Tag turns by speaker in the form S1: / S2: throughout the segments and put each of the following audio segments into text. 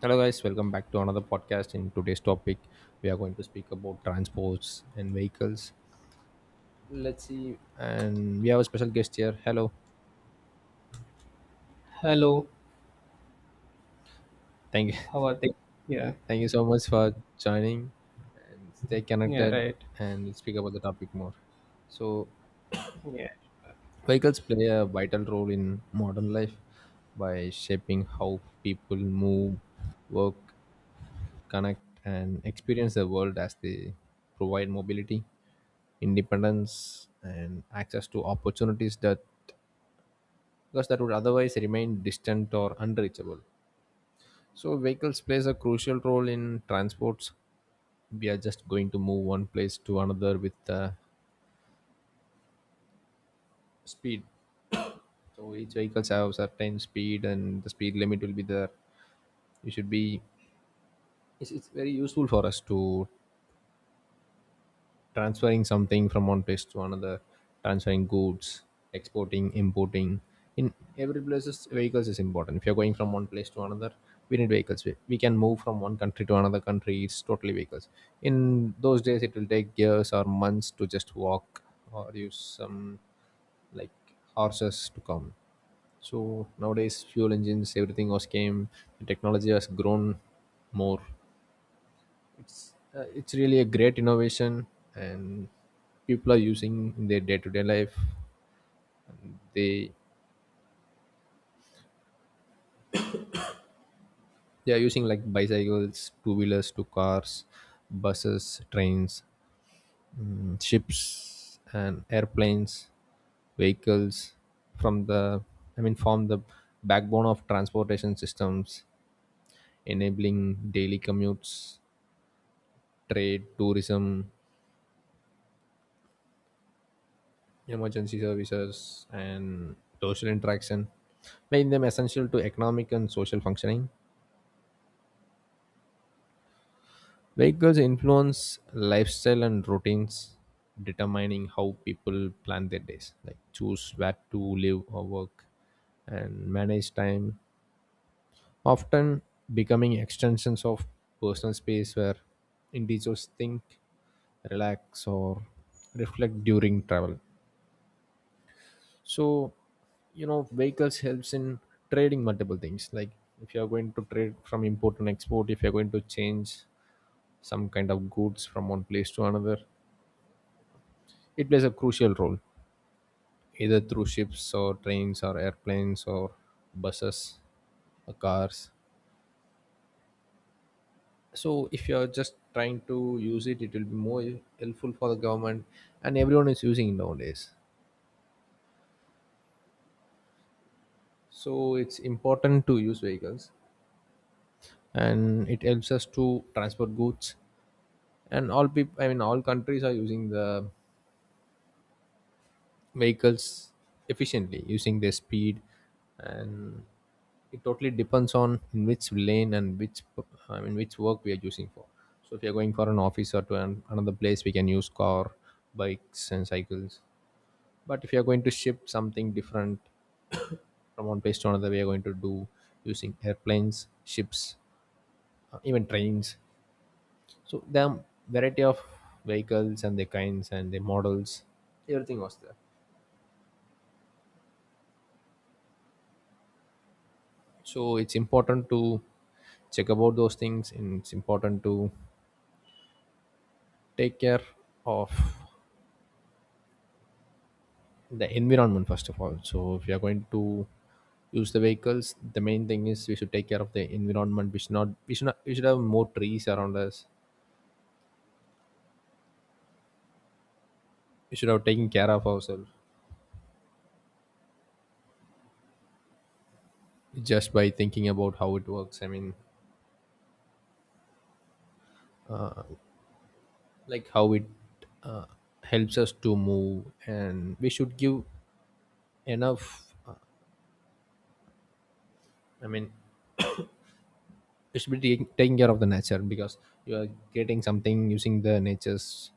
S1: Hello, guys, welcome back to another podcast. In today's topic, we are going to speak about transports and vehicles. Let's see, and we have a special guest here. Hello,
S2: Hello,
S1: thank you,
S2: how are they? Yeah,
S1: thank you so much for joining and stay
S2: yeah,
S1: connected.
S2: right.
S1: And we'll speak about the topic more. So,
S2: Yeah.
S1: vehicles play a vital role in modern life by shaping how people move, work, connect, and experience the world as they provide mobility, independence, and access to opportunities that because that would otherwise remain distant or unreachable. So vehicles plays a crucial role in transports. We are just going to move one place to another with speed. So each vehicles have certain speed, and the speed limit will be there. You should be. It's very useful for us to transferring something from one place to another, transferring goods, exporting, importing. In every places, vehicles is important. If you're going from one place to another, we need vehicles. We can move from one country to another country. It's totally vehicles. In those days, it will take years or months to just walk or use some like horses to come. So nowadays, fuel engines, everything was came. The technology has grown more, it's really a great innovation, and people are using in their day-to-day life. They they are using like bicycles, two-wheelers, to cars, buses, trains, ships, and airplanes, vehicles from the form the backbone of transportation systems, enabling daily commutes, trade, tourism, emergency services and social interaction, making them essential to economic and social functioning. Vehicles influence lifestyle and routines, determining how people plan their days, like choose where to live or work and manage time, often becoming extensions of personal space where individuals think, relax, or reflect during travel. So, vehicles helps in trading multiple things like if you are going to trade from import and export, if you're going to change some kind of goods from one place to another, it plays a crucial role either through ships or trains or airplanes or buses or cars. So if you're just trying to use it, it will be more helpful for the government, and everyone is using it nowadays, so it's important to use vehicles, and it helps us to transport goods. And all people, all countries are using the vehicles efficiently, using their speed. And it totally depends on in which lane and which, which work we are using for. So if you're going for an office or to an, another place, we can use car, bikes and cycles. But if you're going to ship something different from one place to another, we are going to do using airplanes, ships, even trains. So there are variety of vehicles and the kinds and the models, everything was there. So it's important to check about those things, and it's important to take care of the environment first of all. So if you are going to use the vehicles, the main thing is we should take care of the environment. We should not, we should have more trees around us. We should have taken care of ourselves just by thinking about how it works. I mean like how it uh, helps us to move, and we should give enough, i mean we should be taking care of the nature, because you are creating something using the nature's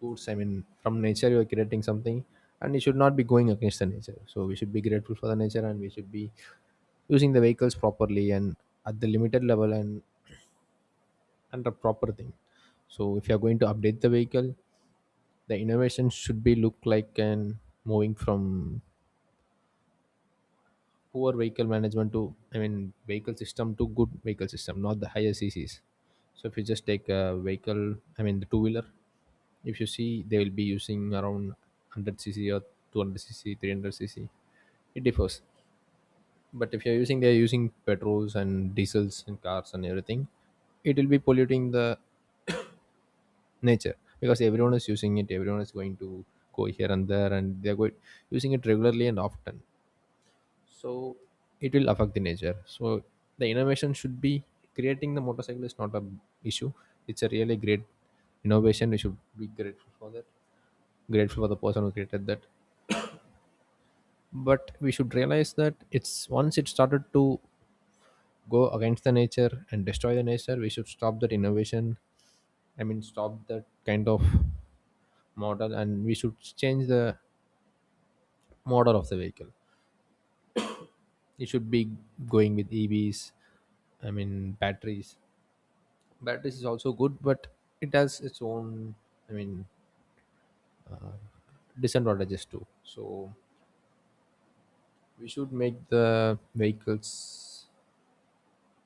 S1: goods. From nature you are creating something, and it should not be going against the nature. So we should be grateful for the nature, and we should be using the vehicles properly and at the limited level and under proper thing. So if you are going to update the vehicle, the innovation should be look like and moving from poor vehicle management to, i mean vehicle system to good vehicle system, not the higher cc's. So if you just take a vehicle, the two wheeler, if you see they will be using around 100 cc or 200 cc, 300 cc, it differs. But if you're using, they're using petrols and diesels and cars and everything, it will be polluting the nature, because everyone is using it. Everyone is going to go here and there, and they're going using it regularly and often. So it will affect the nature. So the innovation should be, creating the motorcycle is not a issue, it's a really great innovation, we should be grateful for that, grateful for the person who created that. But we should realize that it's once it started to go against the nature and destroy the nature, we should stop that innovation. Stop that kind of model, and we should change the model of the vehicle. It should be going with EVs, batteries. Batteries is also good, but it has its own, i mean disadvantages too. So we should make the vehicles,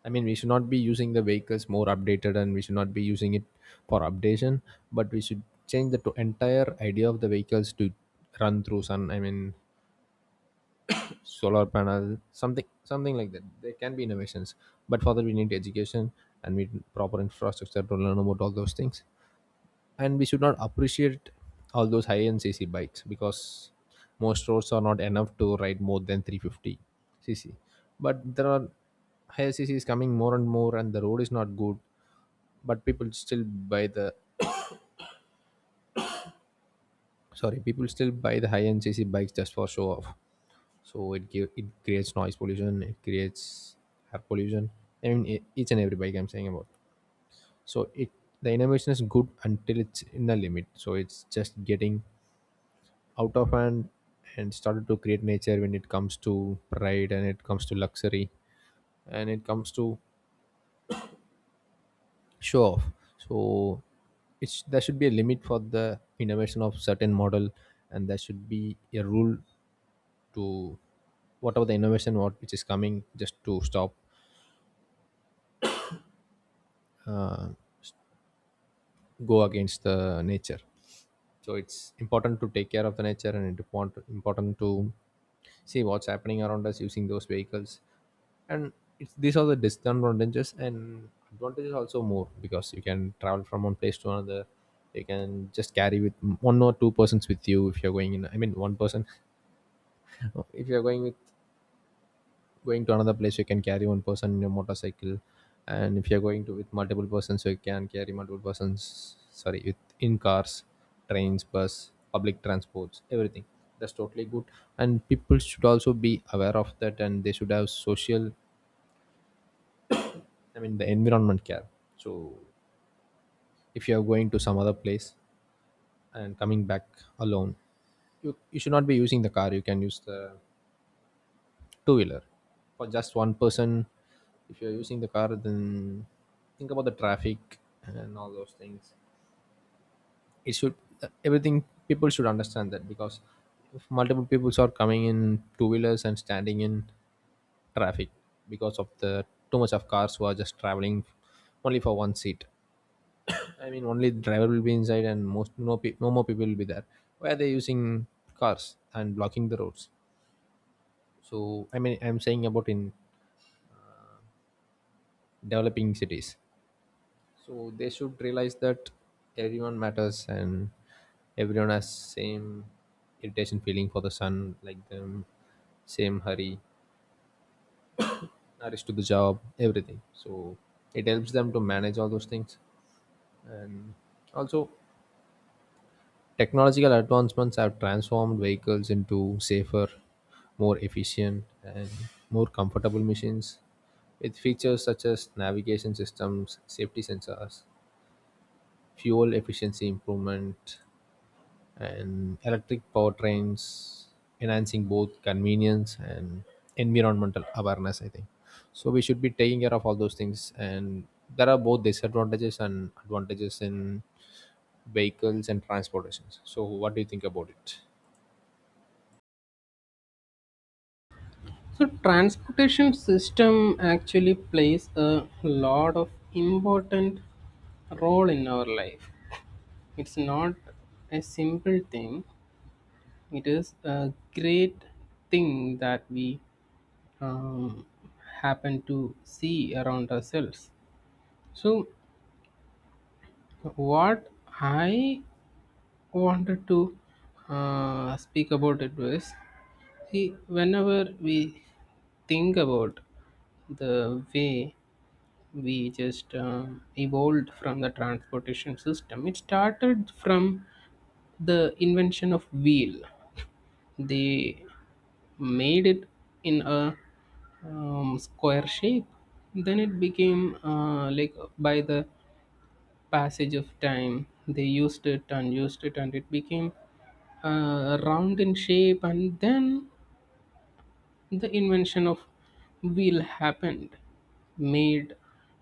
S1: we should not be using the vehicles more updated, and we should not be using it for updation, but we should change the entire idea of the vehicles to run through sun, solar panel, something something like that, there can be innovations. But for that, we need education, and we need proper infrastructure to learn about all those things. And we should not appreciate all those high end cc bikes, because most roads are not enough to ride more than 350 cc. But there are higher cc's coming more and more, and the road is not good, but people still buy the, sorry, people still buy the high end cc bikes just for show off. So it it creates noise pollution, it creates air pollution, each and every bike I'm saying about. So it, the innovation is good until it's in the limit, so it's just getting out of hand and started to create nature when it comes to pride and it comes to luxury and it comes to show off. So it's, there should be a limit for the innovation of certain model, and there should be a rule to, whatever the innovation what which is coming, just to stop uh, go against the nature. So it's important to take care of the nature, and it's important to see what's happening around us using those vehicles. And these are the disadvantages, and advantages also more, because you can travel from one place to another, you can just carry with one or two persons with you. If you're going in, one person, if you're going with going to another place, you can carry one person in your motorcycle. And if you're going to with multiple persons, you can carry multiple persons, sorry, with in cars, trains, bus, public transports, everything. That's totally good. And people should also be aware of that, and they should have social, the environment care. So if you are going to some other place and coming back alone, you should not be using the car, you can use the two wheeler for just one person. If you're using the car, then think about the traffic and all those things. It should, everything, people should understand that. Because if multiple people are coming in two wheelers and standing in traffic because of the too much of cars who are just traveling only for one seat, only driver will be inside, and most no, no more people will be there, why are they using cars and blocking the roads? So I'm saying about in developing cities. So they should realize that everyone matters, and everyone has same irritation feeling for the sun, like them, same hurry, hurries to the job, everything. So it helps them to manage all those things. And also, technological advancements have transformed vehicles into safer, more efficient and more comfortable machines, with features such as navigation systems, safety sensors, fuel efficiency improvement, and electric powertrains enhancing both convenience and environmental awareness, I think. So we should be taking care of all those things, and there are both disadvantages and advantages in vehicles and transportations. So what do you think about it?
S2: So transportation system actually plays a lot of important role in our life. It's not a simple thing. It is a great thing that we um, happen to see around ourselves. So, what I wanted to speak about it was see, whenever we think about the way we just evolved from the transportation system, it started from the invention of wheel. They made it in a square shape, then it became like by the passage of time they used it and it became round in shape, and then the invention of wheel happened, made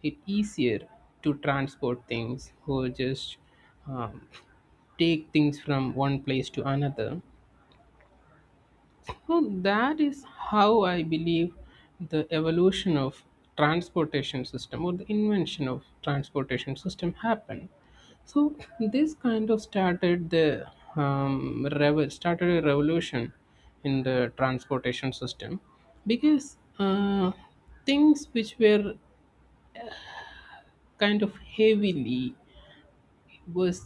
S2: it easier to transport things or just um, take things from one place to another. So that is how I believe the evolution of transportation system or the invention of transportation system happened. So this kind of started a revolution in the transportation system because things which were kind of heavily was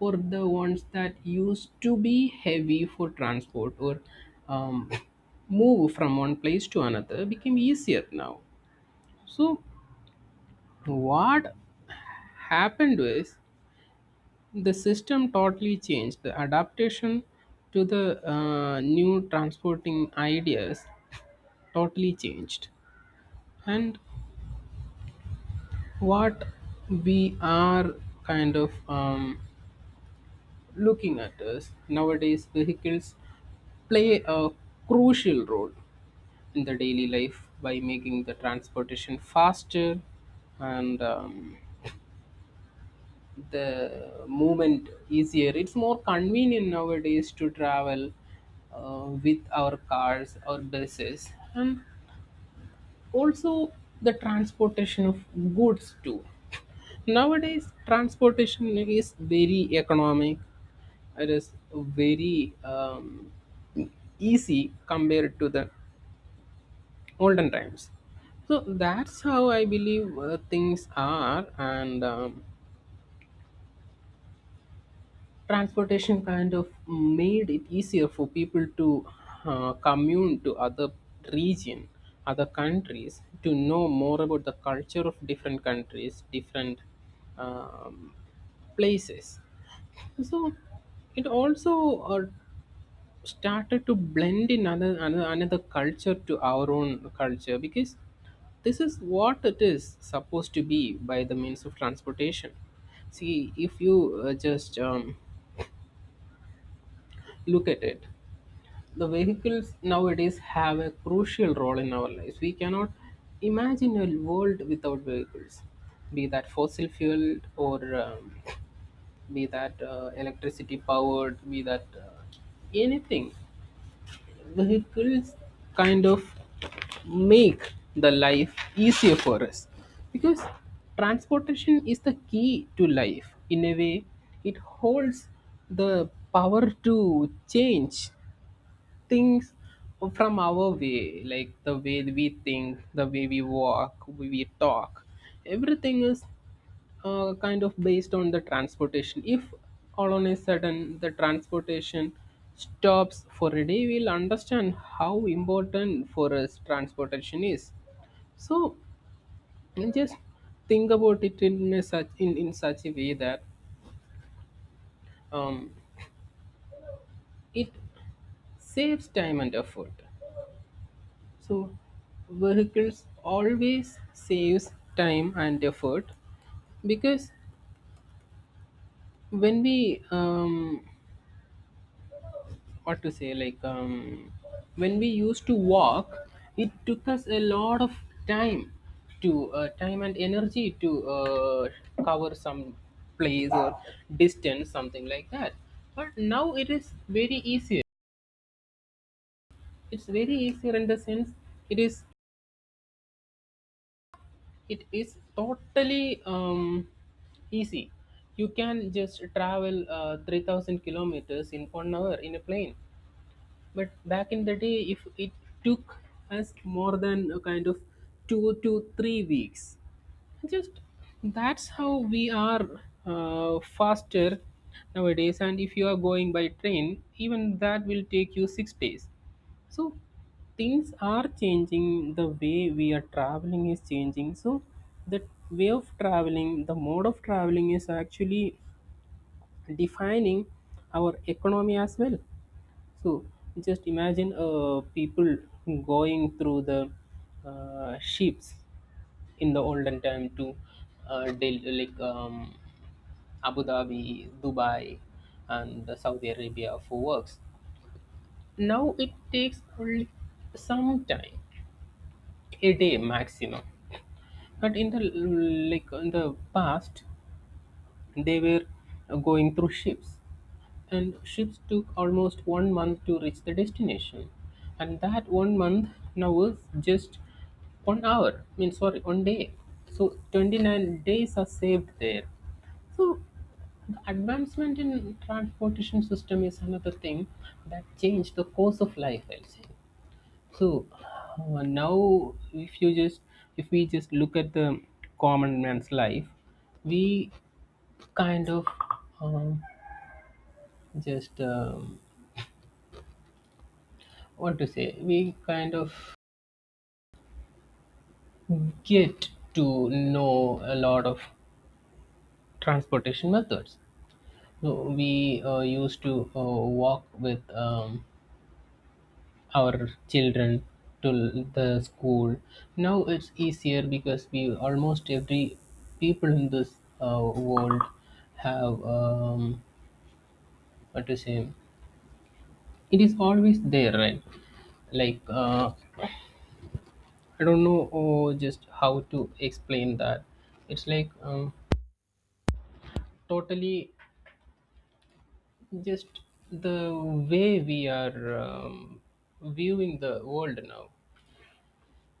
S2: or the ones that used to be heavy for transport or um, move from one place to another became easier now. So, what happened was the system totally changed. The adaptation to the new transporting ideas totally changed. And what we are kind of looking at is nowadays vehicles play a crucial role in the daily life by making the transportation faster and the movement easier. It's more convenient nowadays to travel with our cars or buses, and also the transportation of goods too. Nowadays, transportation is very economic. It is very easy compared to the olden times. So that's how I believe things are, and transportation kind of made it easier for people to commune to other region, other countries, to know more about the culture of different countries, different um, places. So it also uh, started to blend in another culture to our own culture, because this is what it is supposed to be by the means of transportation. See, if you just look at it, the vehicles nowadays have a crucial role in our lives. We cannot imagine a world without vehicles, be that fossil fueled or be that electricity powered, be that anything. Vehicles kind of make the life easier for us, because transportation is the key to life. In a way, it holds the power to change things from our way, like the way we think, the way we walk, we talk. Everything is kind of based on the transportation. If all on a sudden the transportation stops for a day, we'll understand how important for us transportation is. So, and just think about it in such a way that um, it saves time and effort. So vehicles always saves time and effort, because when we what to say like when we used to walk, it took us a lot of time time and energy to cover some place or distance, something like that. But now it is very easier. It's very easier in the sense it is it is totally easy. You can just travel 3,000 kilometers in 1 hour in a plane, but back in the day, if it took us more than a kind of 2 to 3 weeks just. That's how we are faster nowadays. And if you are going by train, even that will take you 6 days. So things are changing, the way we are traveling is changing. So the way of traveling, the mode of traveling, is actually defining our economy as well. So just imagine people going through the ships in the olden time to uh, Del- like um, Abu Dhabi, Dubai, and the Saudi Arabia for works. Now it takes only some time, a day maximum. But in the like in the past, they were going through ships. And ships took almost 1 month to reach the destination. And that 1 month now was just 1 hour. I mean, sorry, 1 day. So 29 days are saved there. So the advancement in transportation system is another thing that changed the course of life, I'll say. So now, if you just if we just look at the common man's life, we kind of um, just what to say we kind of get to know a lot of transportation methods. So we used to walk with our children to the school. Now it's easier because we almost every people in this world have what to say it is always there, right? Like I don't know. Oh, just how to explain that. It's like totally just the way we are viewing the world now.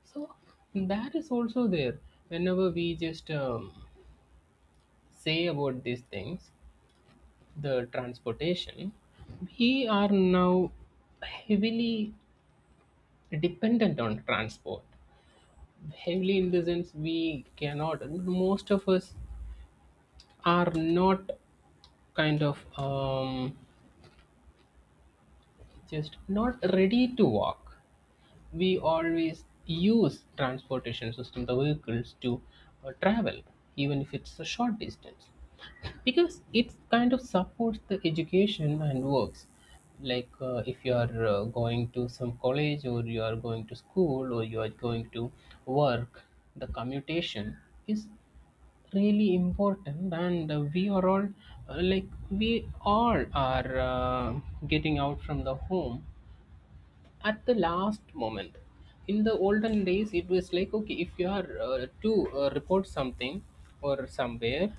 S2: So that is also there whenever we just say about these things, the transportation. We are now heavily dependent on transport. Heavily in the sense we cannot, most of us are not kind of just not ready to walk. We always use transportation system, the vehicles, to travel even if it's a short distance, because it kind of supports the education and works. Like if you are going to some college, or you are going to school, or you are going to work, the commutation is really important. And we are all like we all are getting out from the home at the last moment. In the olden days it was like, okay, if you are to report something or somewhere,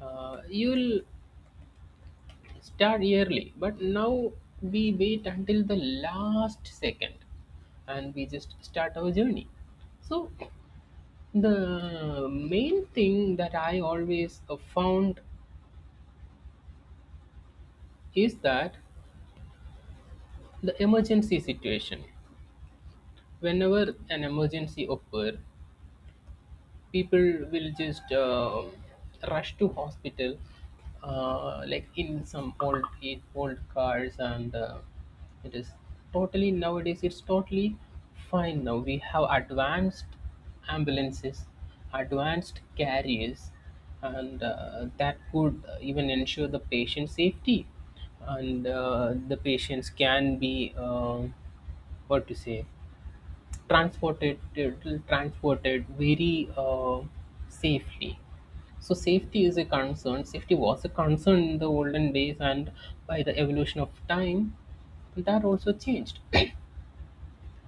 S2: you'll start yearly. But now we wait until the last second and we just start our journey. So the main thing that I always found is that the emergency situation, whenever an emergency occur, people will just rush to hospital, like in some old cars. And it is totally nowadays it's totally fine. Now we have advanced ambulances, advanced carriers, and that could even ensure the patient safety. And the patients can be what to say transported transported very safely. So safety is a concern. Safety was a concern in the olden days, and by the evolution of time, that also changed.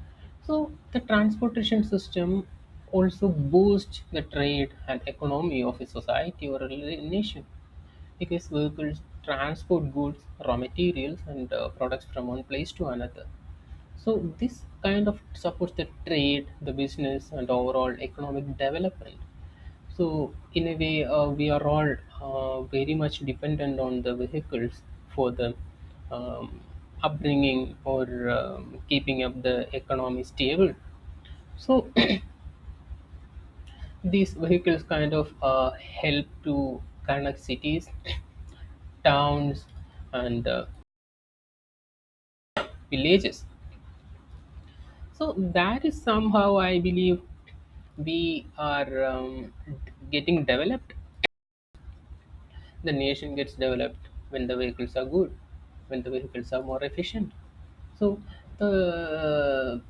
S2: so the transportation system also boosts the trade and economy of a society or a nation, because vehicles transport goods, raw materials and products from one place to another. So this kind of supports the trade, the business, and overall economic development. So in a way, we are all very much dependent on the vehicles for the um, upbringing or keeping up the economy stable. So these vehicles kind of help to connect cities, towns, and villages. So that is somehow I believe we are getting developed. The nation gets developed when the vehicles are good, when the vehicles are more efficient. So the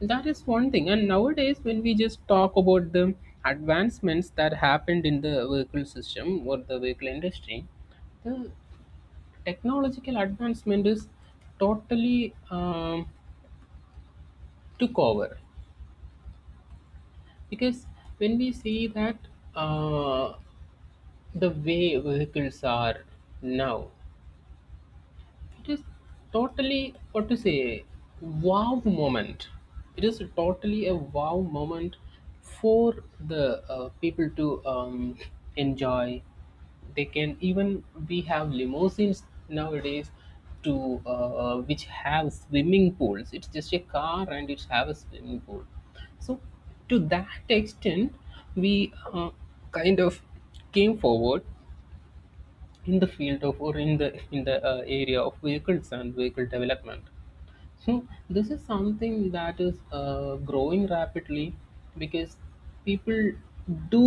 S2: that is one thing. And nowadays, when we just talk about the advancements that happened in the vehicle system or the vehicle industry, the technological advancement is totally took over. Because when we see that uh, the way vehicles are now, it is totally what to say wow moment. It is totally a wow moment for the people to enjoy. They can even, we have limousines nowadays to which have swimming pools. It's just a car and it have a swimming pool. So to that extent, we kind of came forward in the field of, or in the area of vehicles and vehicle development. So this is something that is growing rapidly, because people do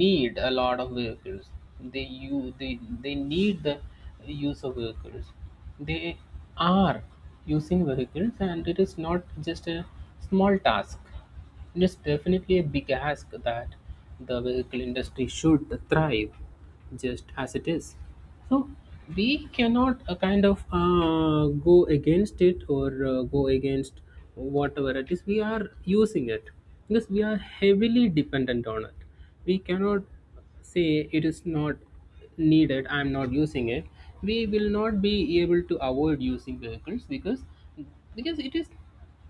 S2: need a lot of vehicles. They they need the use of vehicles. They are using vehicles, and it is not just a small task. It is definitely a big ask that the vehicle industry should thrive just as it is. So we cannot kind of go against it or go against whatever it is, we are using it, because we are heavily dependent on it. We cannot say it is not needed, I am not using it. We will not be able to avoid using vehicles, because it is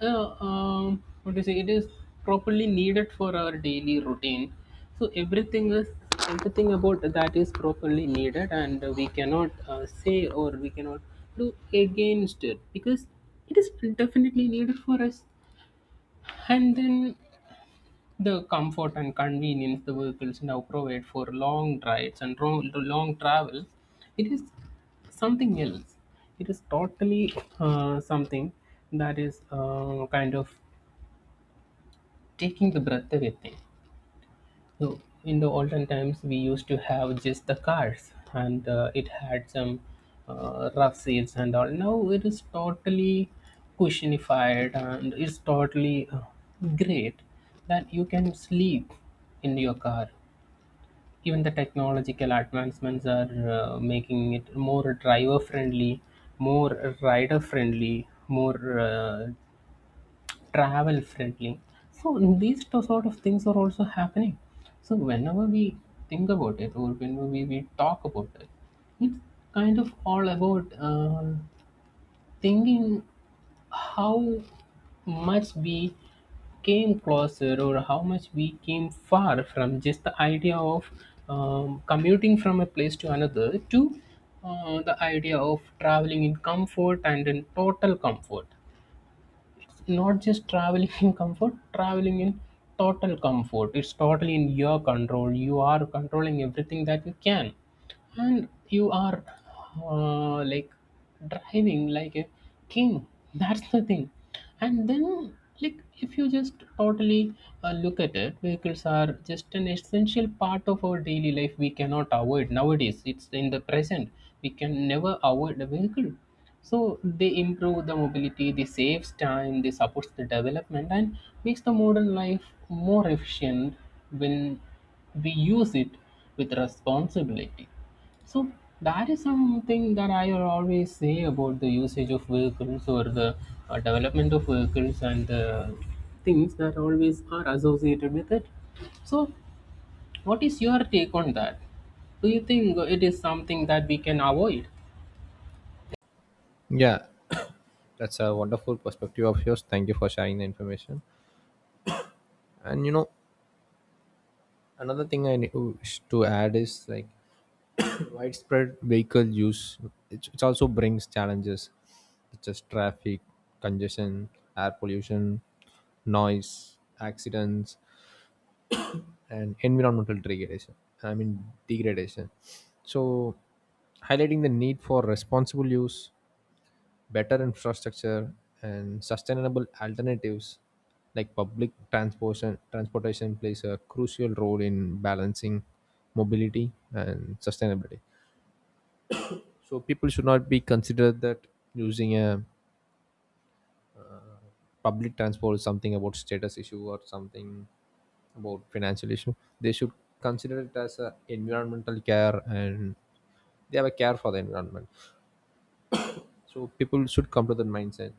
S2: what do you say? It is properly needed for our daily routine. So everything about that is properly needed, and we cannot say, or we cannot do against it, because it is definitely needed for us. And then the comfort and convenience the vehicles now provide for long rides and long travels, it is something else. It is totally something that is kind of taking the breath away thing. So in the olden times, we used to have just the cars, and it had some rough seats and all. Now it is totally cushionified, and it's totally great that you can sleep in your car. Even the technological advancements are making it more driver friendly, more rider friendly, more travel friendly. So these two sort of things are also happening. So whenever we think about it, or whenever we talk about it, it's kind of all about thinking how much we came closer, or how much we came far from just the idea of commuting from a place to another, to the idea of traveling in comfort and in total comfort. Not just traveling in comfort, traveling in total comfort. It's totally in your control, you are controlling everything that you can, and you are like driving like a king. That's the thing. And then, like if you just totally look at it, vehicles are just an essential part of our daily life, we cannot avoid. Nowadays, it's in the present, we can never avoid a vehicle. So they improve the mobility, they saves time, they supports the development and makes the modern life more efficient when we use it with responsibility. So that is something that I always say about the usage of vehicles or the development of vehicles and the things that always are associated with it. So, what is your take on that? Do you think it is something that we can avoid?
S1: Yeah, that's a wonderful perspective of yours, thank you for sharing the information. And another thing I need to add is like, widespread vehicle use, it also brings challenges such as traffic congestion, air pollution, noise, accidents, and environmental degradation, i mean degradation. So highlighting the need for responsible use, better infrastructure, and sustainable alternatives like public transportation plays a crucial role in balancing mobility and sustainability. So people should not be considered that using a public transport is something about status issue or something about financial issue. They should consider it as a environmental care, and they have a care for the environment. So people should come to that mindset.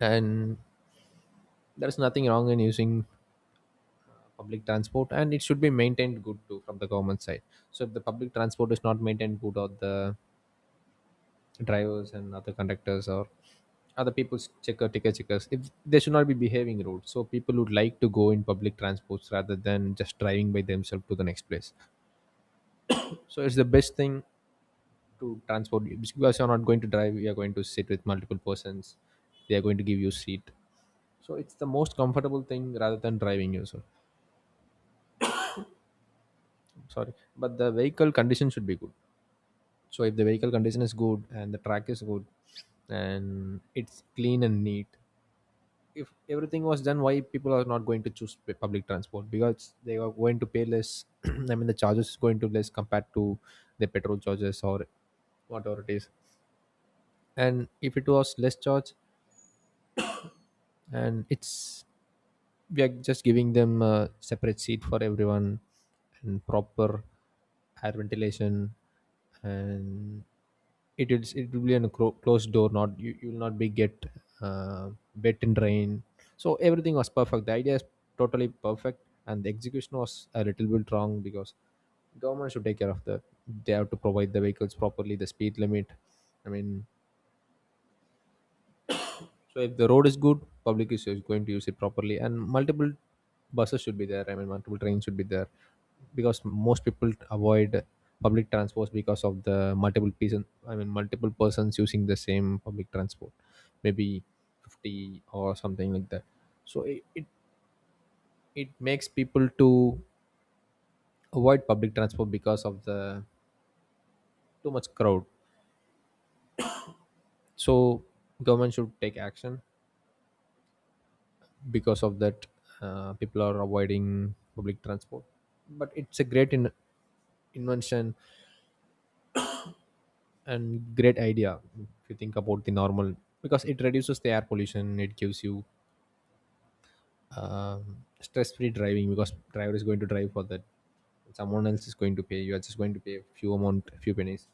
S1: And there's nothing wrong in using public transport, and it should be maintained good too from the government side. So if the public transport is not maintained good, or the drivers and other conductors or other people's checker, ticket checkers, if they should not be behaving rude, so people would like to go in public transports rather than just driving by themselves to the next place. So it's the best thing to transport you, because you're not going to drive, you're going to sit with multiple persons. They are going to give you seat, so it's the most comfortable thing rather than driving yourself. Sorry, but the vehicle condition should be good. So if the vehicle condition is good and the track is good and it's clean and neat, if everything was done, why people are not going to choose public transport? Because they are going to pay less. I mean the charges is going to less compared to the petrol charges or whatever it is. And if it was less charge, and it's, we are just giving them a separate seat for everyone and proper air ventilation, and it will be on a closed door, not you will not be get uh, wet and rain. So everything was perfect, the idea is totally perfect, and the execution was a little bit wrong, because government should take care of the, they have to provide the vehicles properly, the speed limit, I mean. So if the road is good, public is going to use it properly, and multiple buses should be there. I mean, multiple trains should be there, because most people avoid public transport because of the multiple person. I mean, multiple persons using the same public transport, maybe 50 or something like that. So it makes people to avoid public transport because of the too much crowd. So government should take action, because of that people are avoiding public transport. But it's a great invention and great idea, if you think about the normal, because it reduces the air pollution, it gives you stress-free driving, because driver is going to drive for that, someone else is going to pay, you are just going to pay a few amount, a few pennies,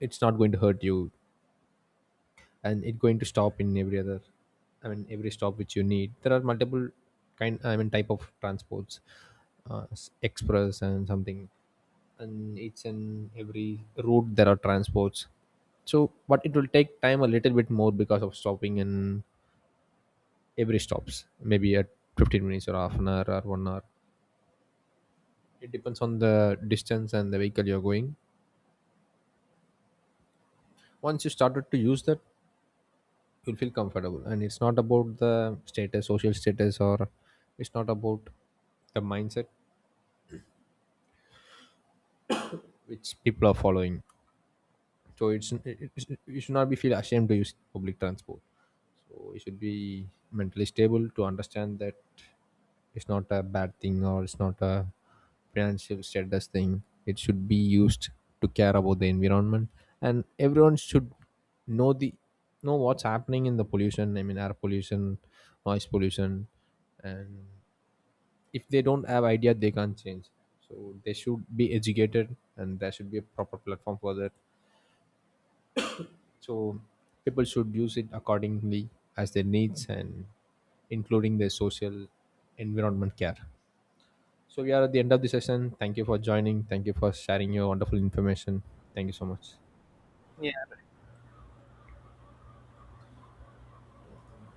S1: it's not going to hurt you. And it going to stop in every other, I mean every stop which you need. There are multiple kind, I mean type of transports, express and something, and each and every route there are transports. So but it will take time a little bit more because of stopping in every stops, maybe at 15 minutes or half an hour or 1 hour. It depends on the distance and the vehicle you're going. Once you started to use that, you'll feel comfortable, and it's not about the status, social status, or it's not about the mindset which people are following. So it's you should not be feel ashamed to use public transport. So you should be mentally stable to understand that it's not a bad thing, or it's not a financial status thing. It should be used to care about the environment, and everyone should know the, know what's happening in the pollution, I mean air pollution, noise pollution. And if they don't have idea, they can't change. So they should be educated, and there should be a proper platform for that. So people should use it accordingly, as their needs, and including their social, environment care. So we are at the end of the session. Thank you for joining. Thank you for sharing your wonderful information. Thank you so much.
S2: Yeah.